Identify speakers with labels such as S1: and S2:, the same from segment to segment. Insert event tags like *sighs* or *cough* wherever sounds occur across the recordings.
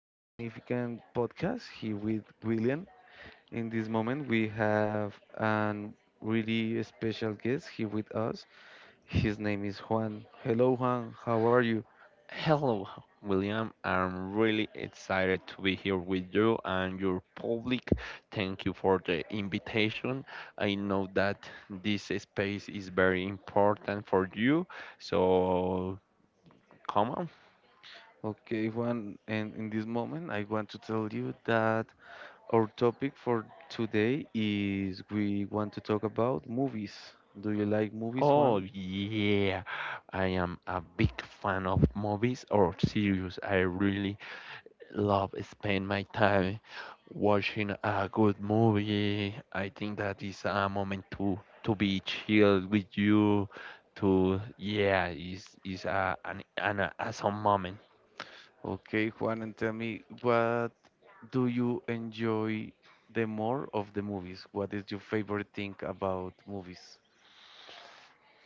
S1: magnificent podcast here with William. In this moment, we have an really special guest here with us. His name is Juan. Hello, Juan. How are you?
S2: Hello, William. I'm really excited to be here with you and your public. Thank you for the invitation. I know that this space is very important for you, so come on.
S1: Okay, Juan. And in this moment, I want to tell you that our topic for today is we want to talk about movies. Do you like movies,
S2: Oh,
S1: Juan?
S2: yeah. I am a big fan of movies or series. I really love spend my time watching a good movie. I think that is a moment to be chill with you. To yeah, is a an awesome moment.
S1: Okay, Juan, and tell me, what do you enjoy the more of the movies? What is your favorite thing about movies?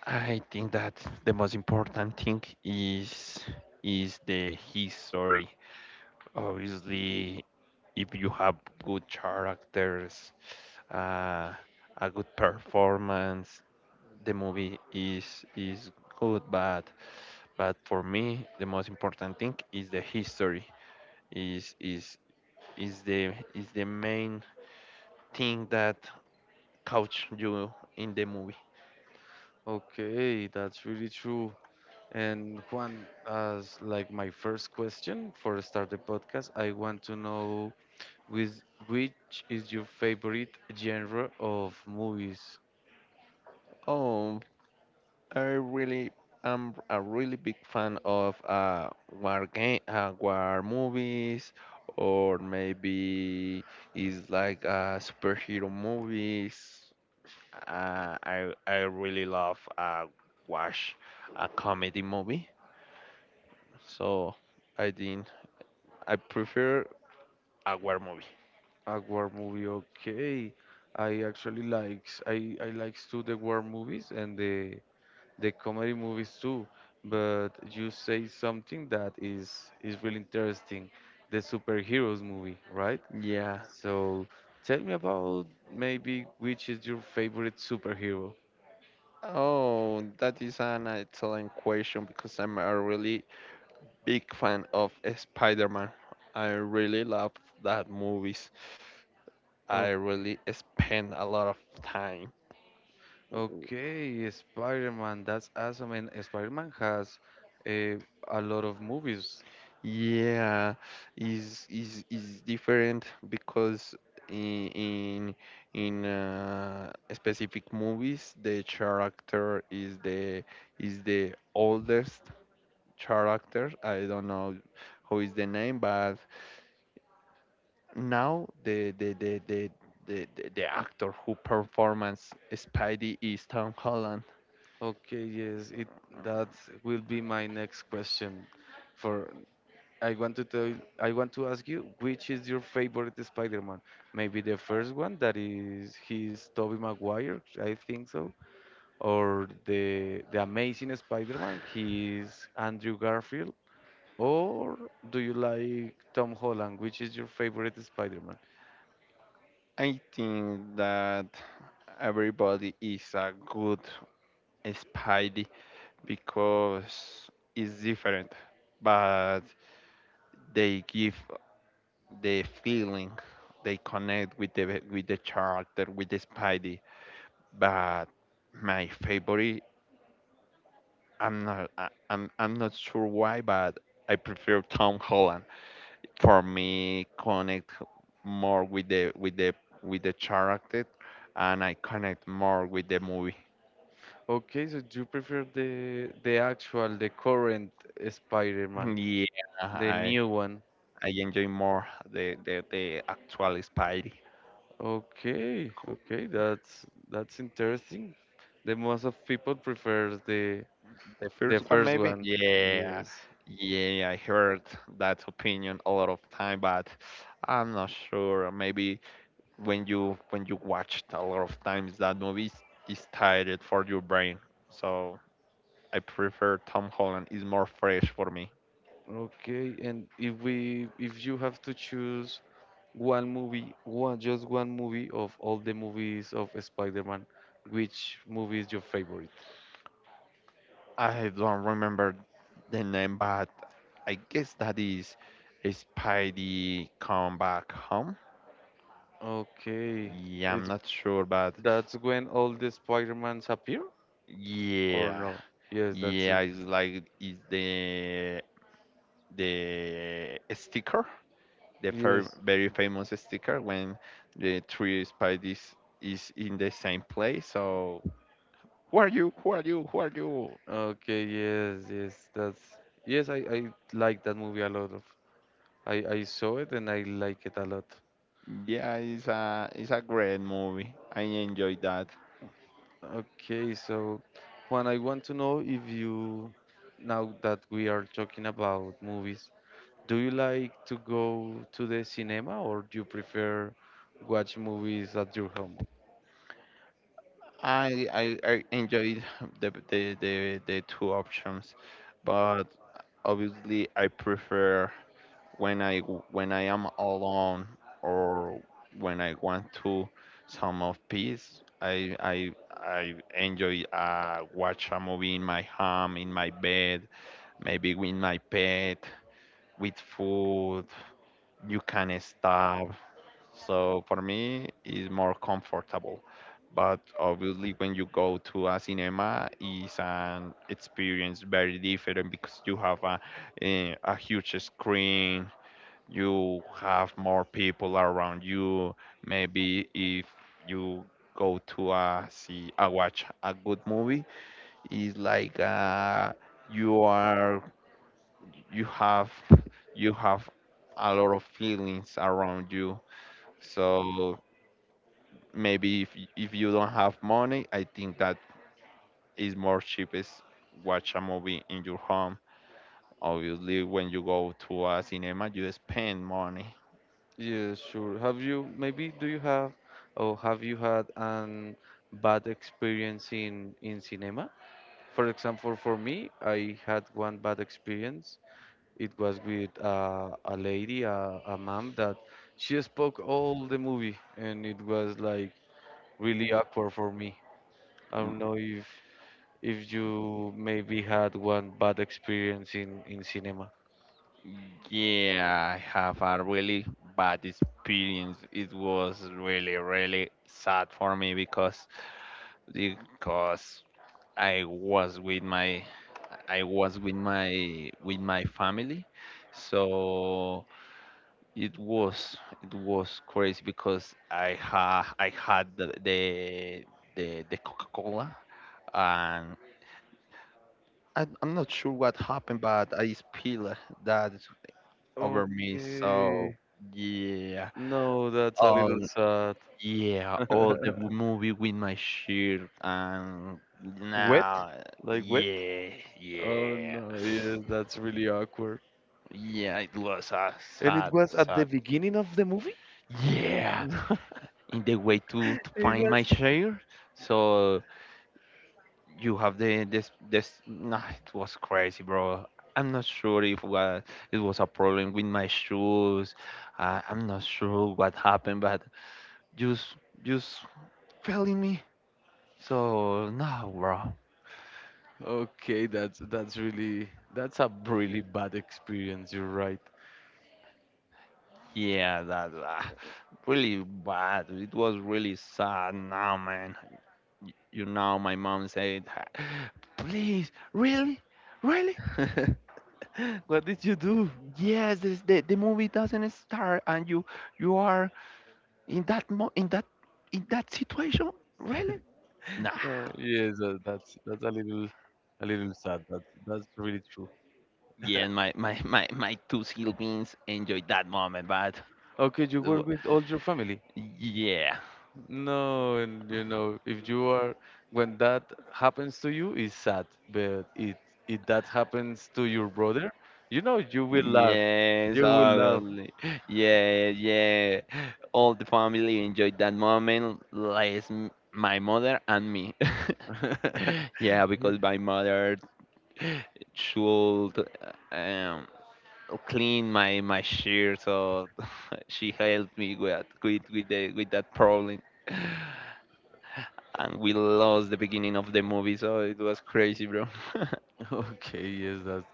S2: I think that the most important thing is the history. Obviously, if you have good characters, uh, a good performance, the movie is good. But for me, the most important thing is the history. Is is is the main thing that couch you in the movie.
S1: Okay, that's really true. And Juan, as like my first question for start the podcast, I want to know with which is your favorite genre of movies?
S2: Oh, I really am a really big fan of war game, war movies, or maybe is like superhero movies. I really love watch a comedy movie. So I think I prefer a war movie.
S1: A war movie, okay. I actually likes I likes to the war movies and the comedy movies too. But you say something that is really interesting, the superheroes movie, right?
S2: Yeah.
S1: So tell me about maybe which is your favorite superhero.
S2: Oh, that is an excellent question because I'm a really big fan of Spider-Man. I really love that movies. I
S1: Oh,
S2: really spend a lot of time.
S1: okay, Spider-Man, that's awesome. And Spider-Man has a, a lot of movies.
S2: Yeah, is different because in in in specific movies the character is the oldest character. I don't know who is the name, but now the actor who performs Spidey is Tom Holland.
S1: Okay, yes, it that will be my next question for I want to tell, I want to ask you, which is your favorite Spider-Man? Maybe the first one that is he's Tobey Maguire, I think so, or the Amazing Spider-Man, he's Andrew Garfield, or do you like Tom Holland? Which is your favorite Spider-Man?
S2: I think that everybody is a good Spidey because it's different, but they give the feeling they connect with the character with the Spidey. But my favorite I'm not sure why, but I prefer Tom Holland. For me, connect more with the with the with the character, and I connect more with the movie.
S1: Okay, so do you prefer the actual, the current
S2: *laughs*
S1: Spider-Man,
S2: Yeah,
S1: the
S2: I
S1: new one?
S2: I enjoy more the actual Spidey.
S1: Okay,
S2: Who-
S1: okay, that's interesting. The most of people prefers the
S2: The
S1: The
S2: first one
S1: first
S2: maybe?
S1: one,
S2: Yeah.
S1: yes.
S2: Yeah, I heard that opinion a lot of time, but I'm not sure. Maybe when you watched a lot of times that movie is tired for your brain, so I prefer Tom Holland is more fresh for me.
S1: Okay, and if you have to choose one movie, one just one movie of all the movies of Spider-Man, which movie is your favorite?
S2: I don't remember the name, but I guess that is Spidey Come Back Home.
S1: Okay,
S2: Yeah, I'm
S1: it's
S2: not sure, but
S1: that's when all the Spider-Mans appear or
S2: yeah
S1: no? Yes, that's
S2: yeah,
S1: it.
S2: it's like it's the sticker, the
S1: Yes.
S2: very famous sticker when the three Spideys is in the same place. So who are you? Who are you? Who are you?
S1: Okay, yes, yes, that's yes, I like that movie a lot of. I saw it and I like it a lot.
S2: Yeah, it's a great movie. I enjoyed that.
S1: Okay, so Juan, I want to know if you, now that we are talking about movies, do you like to go to the cinema or do you prefer watch movies at your home?
S2: I enjoyed *laughs* the two options, but obviously I prefer when I am alone, or when I want to some of peace, I enjoy watch a movie in my home, in my bed, maybe with my pet, with food. You can stop. So for me, it's more comfortable. But obviously, when you go to a cinema, is an experience very different because you have a huge screen, you have more people around you. Maybe if you go to a see a watch a good movie, it's like you are you have you have a lot of feelings around you. So maybe if if you don't have money, I think that is more cheapest watch a movie in your home. Obviously, when you go to a cinema, you spend money.
S1: Yeah, sure. Have you, maybe do you have or Have you had an bad experience in cinema? For example, for me, I had one bad experience. It was with a lady, a mom, that she spoke all the movie, and it was like really awkward for me. I don't know if you maybe had one bad experience in cinema.
S2: Yeah, I have a really bad experience. It was really, really sad for me because I was with my I was with my family. So it was crazy because I had the Coca-Cola, and I, I'm not sure what happened, but I spilled that over me. So
S1: Okay.
S2: yeah.
S1: No, that's a little
S2: Oh,
S1: sad.
S2: yeah.
S1: *laughs*
S2: Oh, the movie with my shirt and
S1: Wet?
S2: nah,
S1: Like wet?
S2: yeah,
S1: Oh
S2: yeah.
S1: no, yes, that's really awkward.
S2: Yeah, it was a
S1: And it
S2: sad,
S1: was at the
S2: sad.
S1: beginning of the movie?
S2: Yeah,
S1: *laughs*
S2: in the way to
S1: It
S2: find my
S1: was
S2: share. So you have the this this. Nah, it was crazy, bro. I'm not sure if it was a problem with my shoes. I'm not sure what happened, but just just fell in me. So nah, bro.
S1: Okay, that's a really bad experience. You're right.
S2: Yeah, that really bad. It was really sad. Now, man, you know, my mom said, *sighs* "Please, really, really."
S1: *laughs* What did you do?
S2: Yes, this, the movie doesn't start, and you are in that in that situation, really? Nah.
S1: Yes, that's a little sad. That's really true.
S2: Yeah, my two siblings enjoyed that moment, but
S1: Okay, you
S2: uh,
S1: work with all your family.
S2: yeah,
S1: No, and you know if you are when that happens to you it's sad, but it if that happens to your brother, you will laugh.
S2: Yes,
S1: You will laugh.
S2: obviously. Yeah, yeah. All the family enjoyed that moment, less my mother and me. *laughs*
S1: *laughs*
S2: Yeah,
S1: Yeah.
S2: because my mother should um, clean my shirt, so *laughs* she helped me with that problem. *laughs* And we lost the beginning of the movie, so it was crazy, bro. *laughs*
S1: Okay, yes,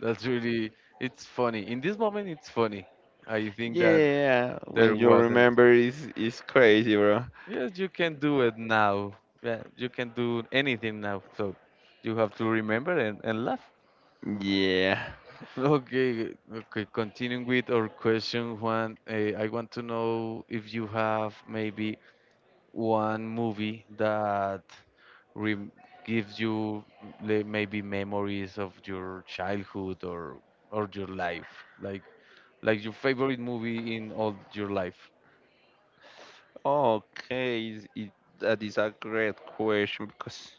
S1: That's really, it's funny. In this moment, it's funny. I think that
S2: Yeah, when
S1: there
S2: you
S1: wasn't.
S2: remember, it's crazy, bro.
S1: Yes, you can do it now. Yeah, you can do anything now. So you have to remember and laugh. *laughs*
S2: Yeah.
S1: Okay, okay. Continuing with our question, Juan, I want to know if you have maybe one movie that rem gives you maybe memories of your childhood or your life, like your favorite movie in all your life.
S2: Okay, that is a great question because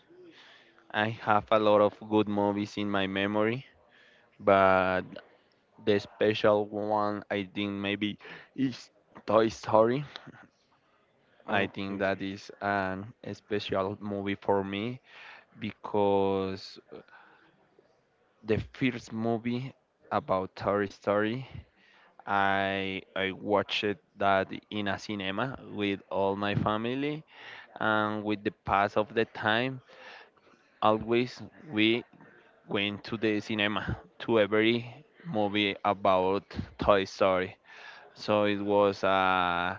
S2: I have a lot of good movies in my memory, but the special one I think maybe is Toy Story. I think
S1: Okay.
S2: that is an a special movie for me because the first movie about Toy Story, I watched that in a cinema with all my family, and with the pass of the time always we went to the cinema to every movie about Toy Story. So it was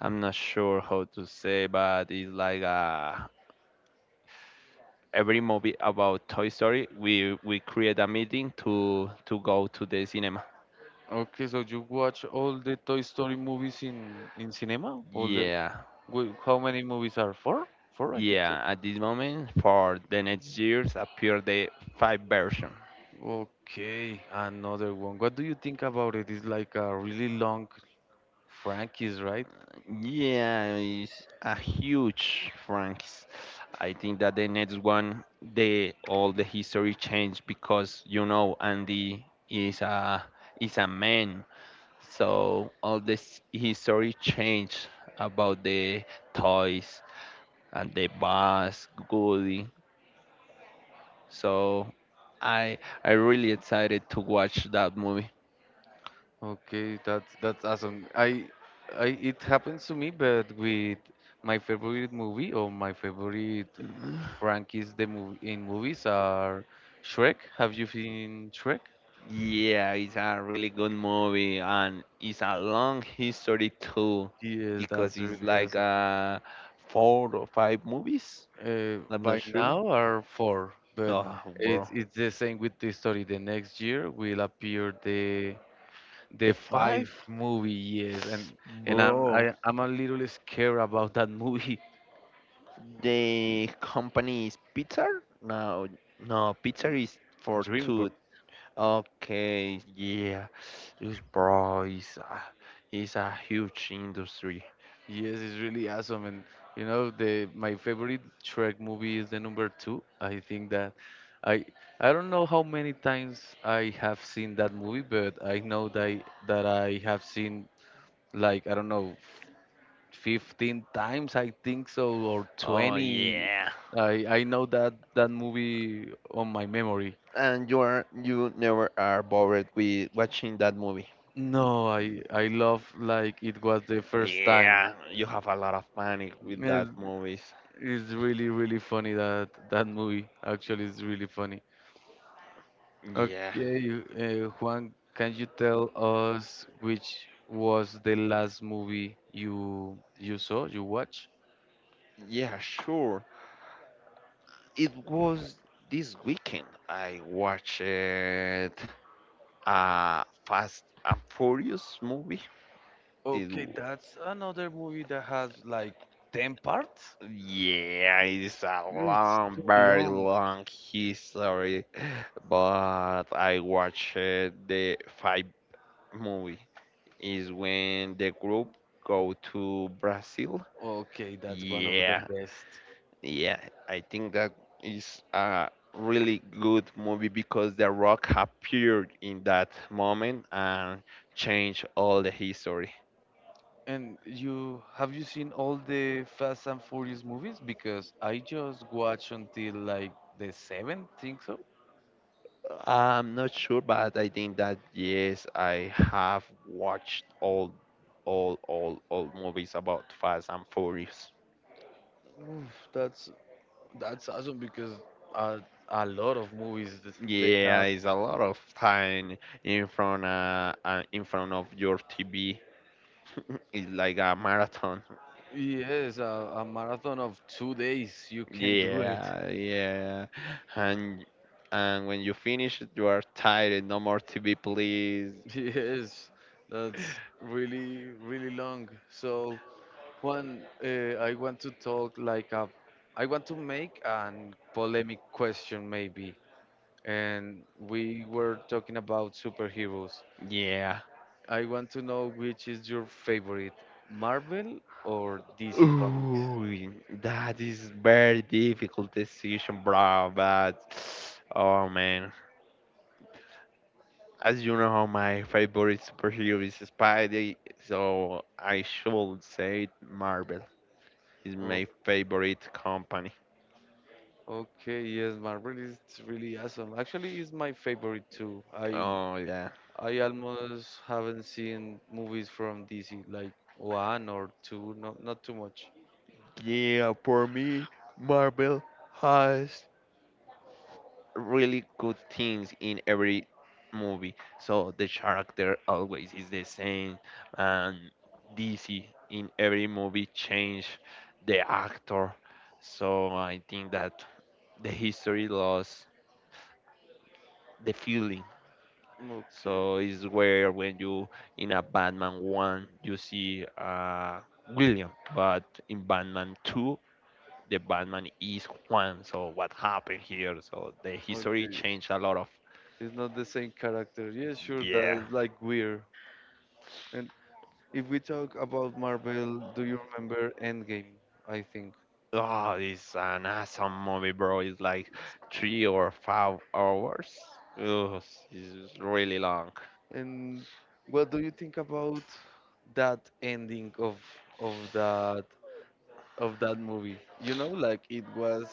S2: I'm not sure how to say, but it's like every movie about Toy Story, we create a meeting to go to the cinema.
S1: Okay, so you watch all the Toy Story movies in cinema? All the
S2: Yeah,
S1: Wait, how many movies are? Four? Four, I think so.
S2: yeah. At this moment, for the next years, appear the five version.
S1: Okay, another one. What do you think about it? It's like a really long franchise, right?
S2: Yeah, it's a huge Franks. I think that the next one, the all the history changed because you know Andy is a man, so all this history changed about the toys and the bus, Goody. So I I really excited to watch that movie.
S1: Okay, that's awesome. I It happens to me, but with my favorite movie or my favorite franchise the movie in movies are Shrek. Have you seen Shrek?
S2: Yeah, it's a really good movie, and it's a long history too
S1: Yes,
S2: because
S1: that's
S2: it's
S1: really
S2: like
S1: awesome.
S2: four or five movies. I'm not
S1: By
S2: sure.
S1: now are four, but
S2: Oh, bro.
S1: it's the same with the story. The next year will appear the
S2: The
S1: five
S2: five?
S1: movie. Yes, and I'm
S2: Bro.
S1: I, I'm a little scared about that movie,
S2: The company is Pizza? No, no, Pizza is
S1: *laughs*
S2: for
S1: DreamWorks.
S2: two. Okay, yeah. This bro is is a huge industry.
S1: Yes, it's really awesome, and you know the my favorite Shrek movie is the number two. I think that I I don't know how many times I have seen that movie, but I know that I have seen like I don't know 15 times I think so or
S2: Oh,
S1: 20.
S2: yeah.
S1: I i know that that movie on my memory.
S2: And you are you never are bored with watching that movie.
S1: No, I love like it was the first time.
S2: Yeah, you have a lot of panic with
S1: it's,
S2: that movies.
S1: it's really really funny that that movie actually is really funny.
S2: Yeah,
S1: Okay, Juan, can you tell us which was the last movie you watched?
S2: yeah, sure. It was this weekend I watched a Fast and Furious movie. It
S1: Okay,
S2: w-
S1: that's another movie that has like 10 parts.
S2: yeah, it is a
S1: It's
S2: long,
S1: too
S2: very
S1: long.
S2: long history, but I watched the five movie. Is when the group go to Brazil.
S1: Okay, that's one of the
S2: Yeah,
S1: best.
S2: yeah. I think that is a really good movie because The Rock appeared in that moment and changed all the history.
S1: And you seen all the Fast and Furious movies? Because I just watched until like the seventh, think so.
S2: I'm not sure, but I think that yes, I have watched all movies about Fast and Furious.
S1: Oof, that's awesome because a, a lot of movies they
S2: Yeah,
S1: have.
S2: it's a lot of time in front of your TV. *laughs* It's like a marathon.
S1: Yes, a marathon of 2 days. You can do it. *laughs*
S2: Yeah, yeah. And when you finish, it, you are tired. And no more TV, please.
S1: Yes, that's really really long. So. Juan, I want to talk I want to make an polemic question maybe. And we were talking about superheroes.
S2: Yeah.
S1: I want to know which is your favorite, Marvel or DC Comics?
S2: Ooh, that is very difficult decision, bro. But *sighs* oh man, as you know, my favorite superhero is Spidey, so I should say Marvel is
S1: Oh,
S2: my favorite company.
S1: okay, yes, Marvel is really awesome. Actually, it's my favorite too. I
S2: Oh yeah.
S1: I almost haven't seen movies from DC, like one or two, not too much.
S2: Yeah, for me, Marvel has really good things in every movie. So the character always is the same, and DC in every movie change the actor. So I think that the history lost the feeling.
S1: Okay,
S2: So it's where when you in a Batman one you see William, but in Batman two the Batman is Juan. So what happened here? So the history
S1: okay.
S2: changed a lot of
S1: It's not the same character. Yeah, sure,
S2: yeah.
S1: that's like weird. And if we talk about Marvel, do you remember Endgame? I think.
S2: Oh, it's an awesome movie, bro. It's like
S1: It's-
S2: 3 or 5 hours. Ugh, it's really long.
S1: And what do you think about that ending of that of that movie? You know, like it was.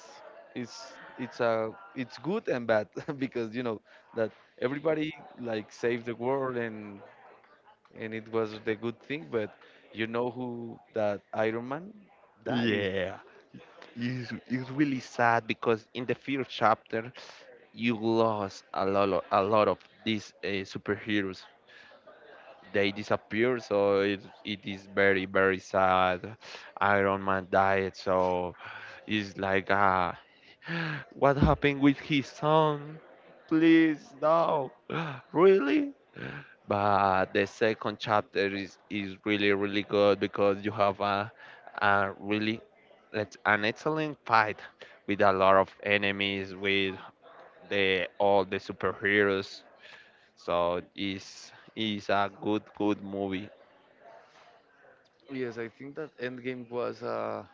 S1: It's good and bad *laughs* because you know that everybody like saved the world and it was the good thing, but you know who that Iron Man dies.
S2: Yeah, it's really sad because in the first chapter you lost a lot of these superheroes. They disappear, so it is very very sad. Iron Man died, so it's like a what happened with his son? Please, no. *gasps* Really? But the second chapter is really, really good because you have a really let an excellent fight with a lot of enemies, with the all the superheroes. So it's a good, good movie.
S1: Yes, I think that Endgame was a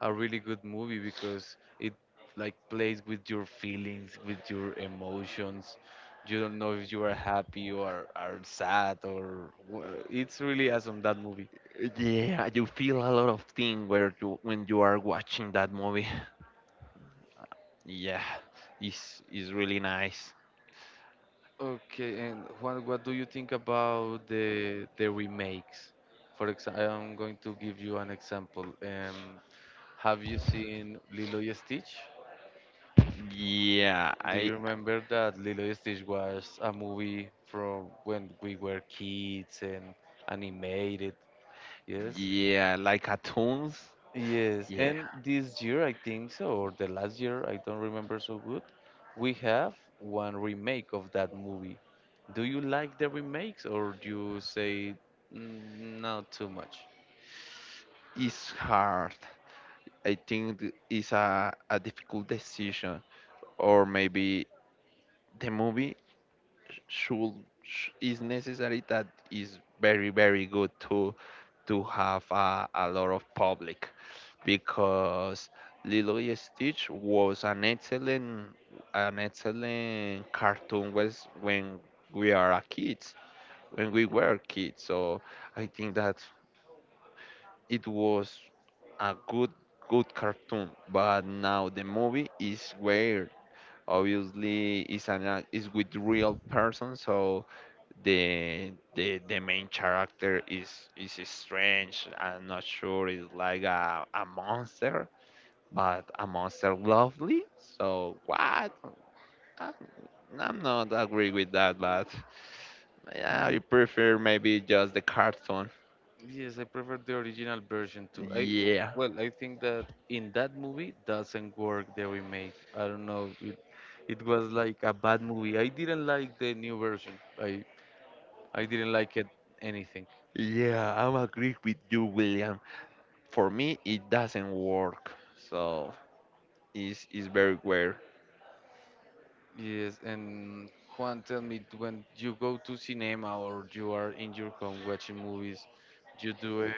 S1: a really good movie because it like plays with your feelings, with your emotions. You don't know if you are happy or are sad or it's really awesome that movie.
S2: Yeah, you feel a lot of thing where you, when you are watching that movie. *laughs* Yeah, it's really nice.
S1: Okay, and what do you think about the remakes? For example, I'm going to give you an example. Have you seen Lilo and Stitch?
S2: Yeah,
S1: Do
S2: I
S1: you remember that Lilo and Stitch was a movie from when we were kids and animated? Yes.
S2: yeah, like atoms.
S1: Yes.
S2: Yeah,
S1: And this year, I think so, or the last year, I don't remember so good, we have one remake of that movie. Do you like the remakes or do you say mm, not too much?
S2: it's hard. I think it's a difficult decision, or maybe the movie should is necessary that is very very good to have a lot of public because Lilo and Stitch was an excellent cartoon was when we are a kids when we were kids. So I think that it was a good cartoon, but now the movie is weird. Obviously it's with real person. So the main character is strange. I'm not sure, it's like a monster, but a monster lovely. So what? i'm, I'm not agree with that, but yeah, I prefer maybe just the cartoon.
S1: Yes, I prefer the original version too. I
S2: Yeah.
S1: Well, I think that in that movie doesn't work the remake. I don't know. It was like a bad movie. I didn't like the new version. I I didn't like it anything.
S2: Yeah i'm agree with you, William. For me it doesn't work, so it's very weird.
S1: Yes, and Juan, tell me when you go to cinema or you are in your home watching movies, you do it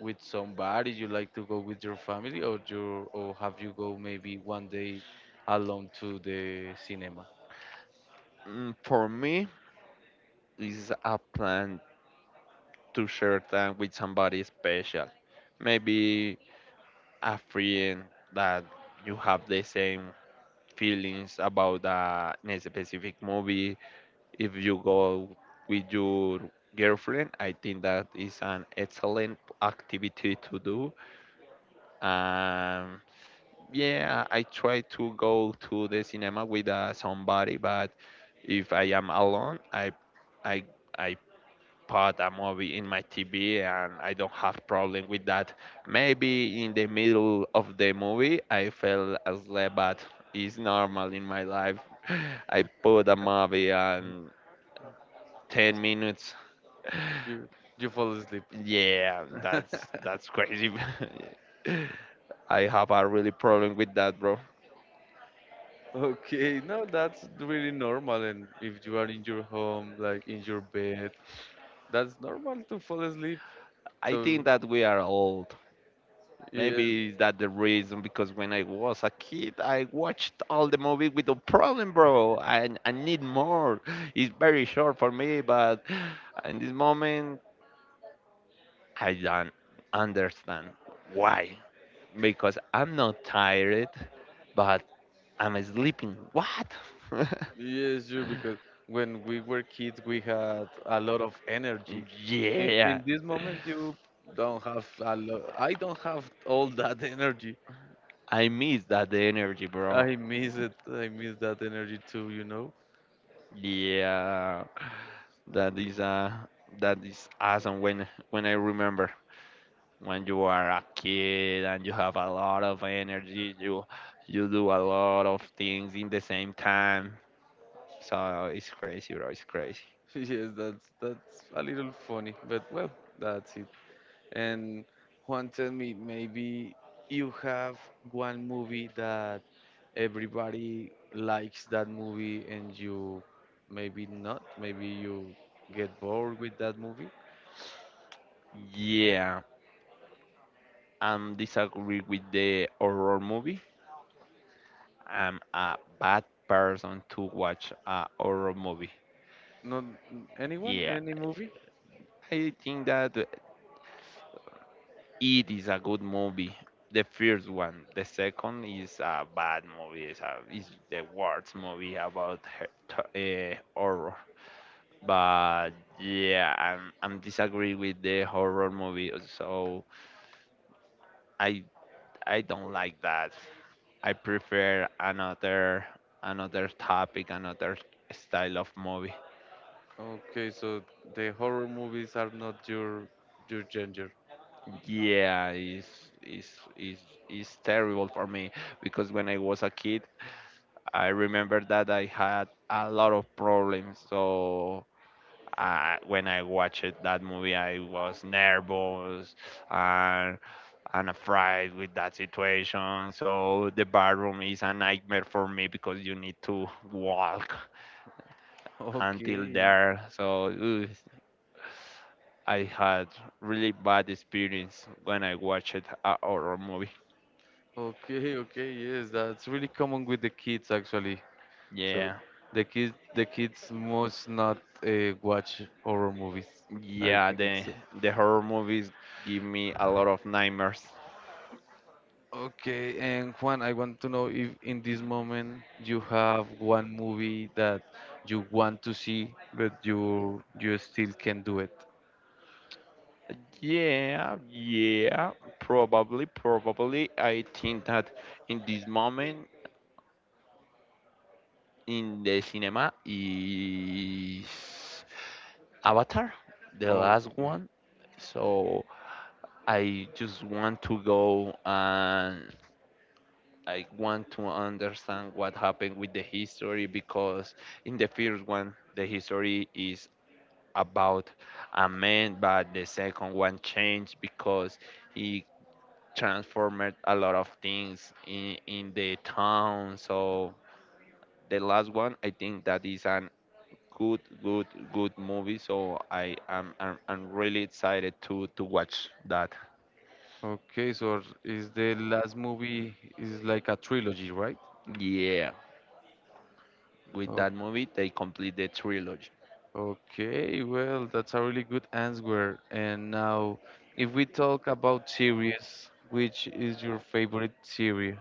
S1: with somebody. You like to go with your family, or have you go maybe one day alone to the cinema?
S2: Mm, for me it's a plan to share time with somebody special, maybe a friend that you have the same feelings about a specific movie. If you go with your girlfriend, I think that is an excellent activity to do. um, yeah, I try to go to the cinema with somebody, but if I am alone, I I put a movie in my TV and I don't have problem with that. Maybe in the middle of the movie I fell asleep, but it's normal in my life. *laughs* I put a movie and 10 minutes. *laughs*
S1: you you fall asleep. *laughs*
S2: Yeah, that's crazy. *laughs* I have a really problem with that, bro.
S1: Okay, no, that's really normal. And if you are in your home, like in your bed, that's normal to fall asleep.
S2: I
S1: So
S2: think that we are old.
S1: yes,
S2: Maybe is that the reason, because when I was a kid, I watched all the movie with no problem, bro. I need more. It's very short for me, but in this moment, I don't understand why. Because I'm not tired, but I'm sleeping. What? *laughs*
S1: yes, sure. Because when we were kids, we had a lot of energy. In,
S2: Yeah,
S1: in this moment, you don't have a lot. I don't have all that *laughs* energy.
S2: I miss that energy, bro.
S1: I miss it. I miss that energy too. You know. *laughs*
S2: Yeah, that is uh, that is awesome when I remember. When you are a kid and you have a lot of energy, you do a lot of things in the same time. So it's crazy, bro, it's crazy.
S1: Yes, that's a little funny, but well, that's it. And Juan, tell me maybe you have one movie that everybody likes that movie and you maybe not, maybe you get bored with that movie.
S2: Yeah, I'm disagree with the horror movie. I'm a bad person to watch a horror movie.
S1: Not anyone,
S2: Yeah,
S1: any movie?
S2: I think that it is a good movie, the first one. The second is a bad movie. It's the worst movie about her, horror. But yeah, I'm disagree with the horror movie, so I I don't like that. I prefer another another topic, another style of movie.
S1: Okay, so the horror movies are not your genre. *laughs*
S2: Yeah, it's terrible for me because when I was a kid, I remember that I had a lot of problems. So when I watched that movie, I was nervous and afraid with that situation. So the bathroom is a nightmare for me because you need to walk until
S1: Okay.
S2: there. So ugh, I had really bad experience when I watched a horror movie.
S1: Okay, okay, yes, that's really common with the kids actually. So
S2: Yeah,
S1: the kids must not watch horror movies. I
S2: yeah.
S1: think so.
S2: The horror movies give me a lot of nightmares.
S1: Okay, and Juan, I want to know if in this moment you have one movie that you want to see, but you still can do it.
S2: Yeah, yeah, probably. I think that in this moment in the cinema is Avatar, the last
S1: Okay.
S2: one. So I just want to go and I want to understand what happened with the history, because in the first one, the history is about a man, but the second one changed because he transformed a lot of things in the town. So the last one, I think that is an good, good, good movie. So I'm really excited to watch that.
S1: Okay, so is the last movie is like a trilogy, right?
S2: Yeah, with that movie they complete the trilogy.
S1: Okay, well, that's a really good answer. And now, if we talk about series, which is your favorite series?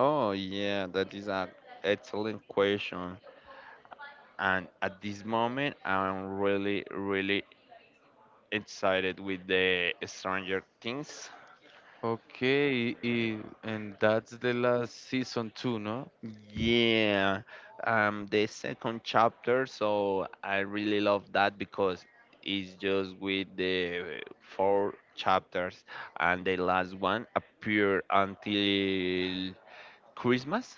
S2: Oh yeah, that is an excellent question. And at this moment, I'm really, really excited with the Stranger Things.
S1: Okay, and that's the last season two, no?
S2: Yeah, the second chapter, so I really love that because it's just with the four chapters, and the last one appear until Christmas.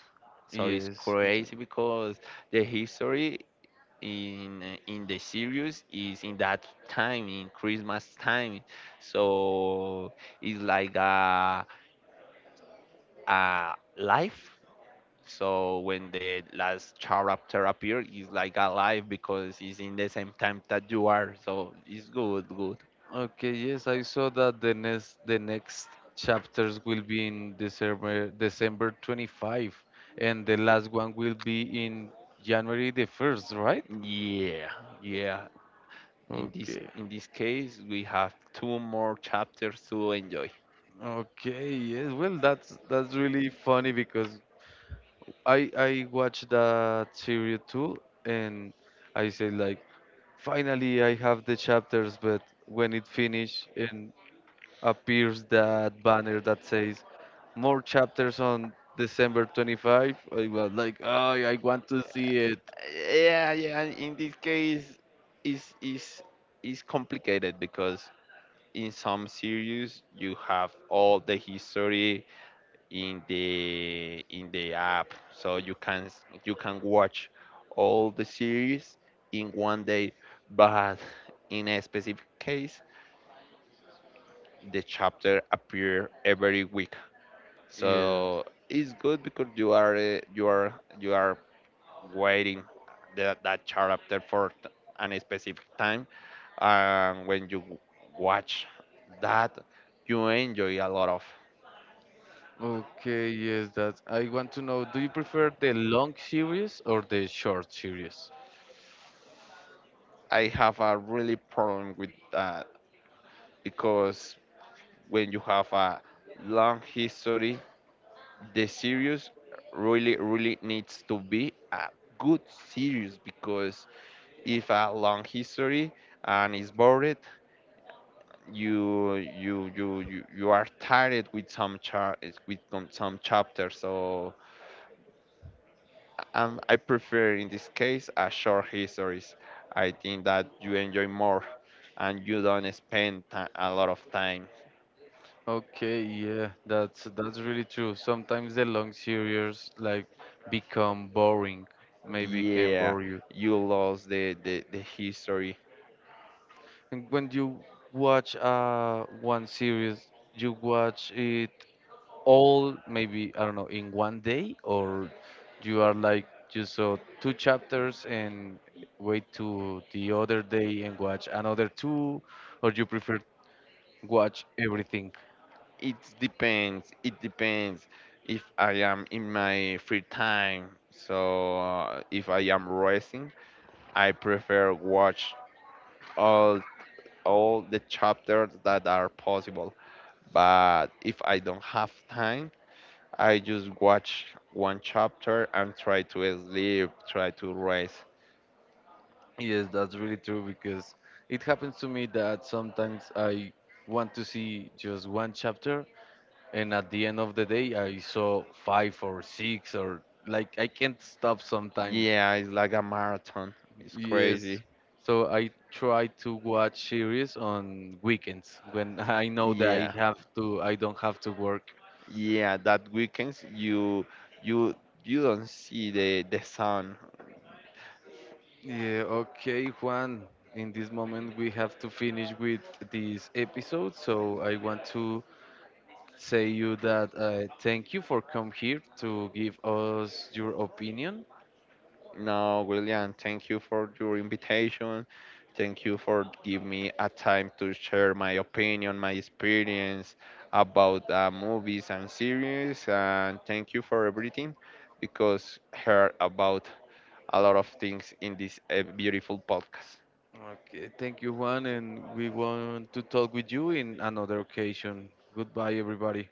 S2: So it's
S1: Yes.
S2: crazy because the history in the series is in that time, in Christmas time. So it's like a life, so when the last chapter appears, it's like alive because it's in the same time that you are. So it's good, good.
S1: Okay, yes, I saw that the next chapters will be in December 25, and the last one will be in January the 1st, right?
S2: Yeah, yeah.
S1: Okay.
S2: In this case, we have two more chapters to enjoy.
S1: Okay, yes. Well, that's really funny because I watched that series too, and I say like, finally I have the chapters. But when it finished and appears that banner that says more chapters on December 25, I was like, oh, I want to see it.
S2: Yeah, yeah. In this case, is is is complicated because in some series you have all the history in the app, so you can watch all the series in one day, but in a specific case the chapter appear every week.
S1: Yeah.
S2: So it's good because you are you are you are waiting that chapter for an specific time, and when watch that, you enjoy a lot of.
S1: Okay. Yes, that's. I want to know. Do you prefer the long series or the short series?
S2: I have a really problem with that, because when you have a long history, the series really, really needs to be a good series, because if a long history and it's bored, you are tired with some some chapters. So I prefer in this case a short histories. I think that you enjoy more and you don't spend a lot of time.
S1: Okay, yeah, that's really true. Sometimes the long series like become boring, maybe can
S2: Yeah,
S1: bore you.
S2: you lost the history.
S1: And when you watch one series, you watch it all maybe I don't know in one day, or you are like you saw two chapters and wait to the other day and watch another two, or you prefer watch everything.
S2: It depends. It depends if I am in my free time. So if I am racing, I prefer watch all all the chapters that are possible. But if I don't have time, I just watch one chapter and try to sleep, try to rest.
S1: Yes, that's really true because it happens to me that sometimes I want to see just one chapter, and at the end of the day, I saw five or six, or like I can't stop sometimes.
S2: Yeah, it's like a marathon. It's
S1: Yes.
S2: crazy.
S1: So I try to watch series on weekends when I know that I
S2: Yeah.
S1: have to, I don't have to work.
S2: Yeah, that weekends you you don't see the sun.
S1: Yeah, okay, Juan. In this moment, we have to finish with this episode, so I want to say you that thank you for come here to give us your opinion.
S2: No, William, thank you for your invitation. Thank you for giving me a time to share my opinion, my experience about movies and series. And thank you for everything, because heard about a lot of things in this beautiful podcast.
S1: Okay, thank you, Juan, and we want to talk with you in another occasion. Goodbye, everybody.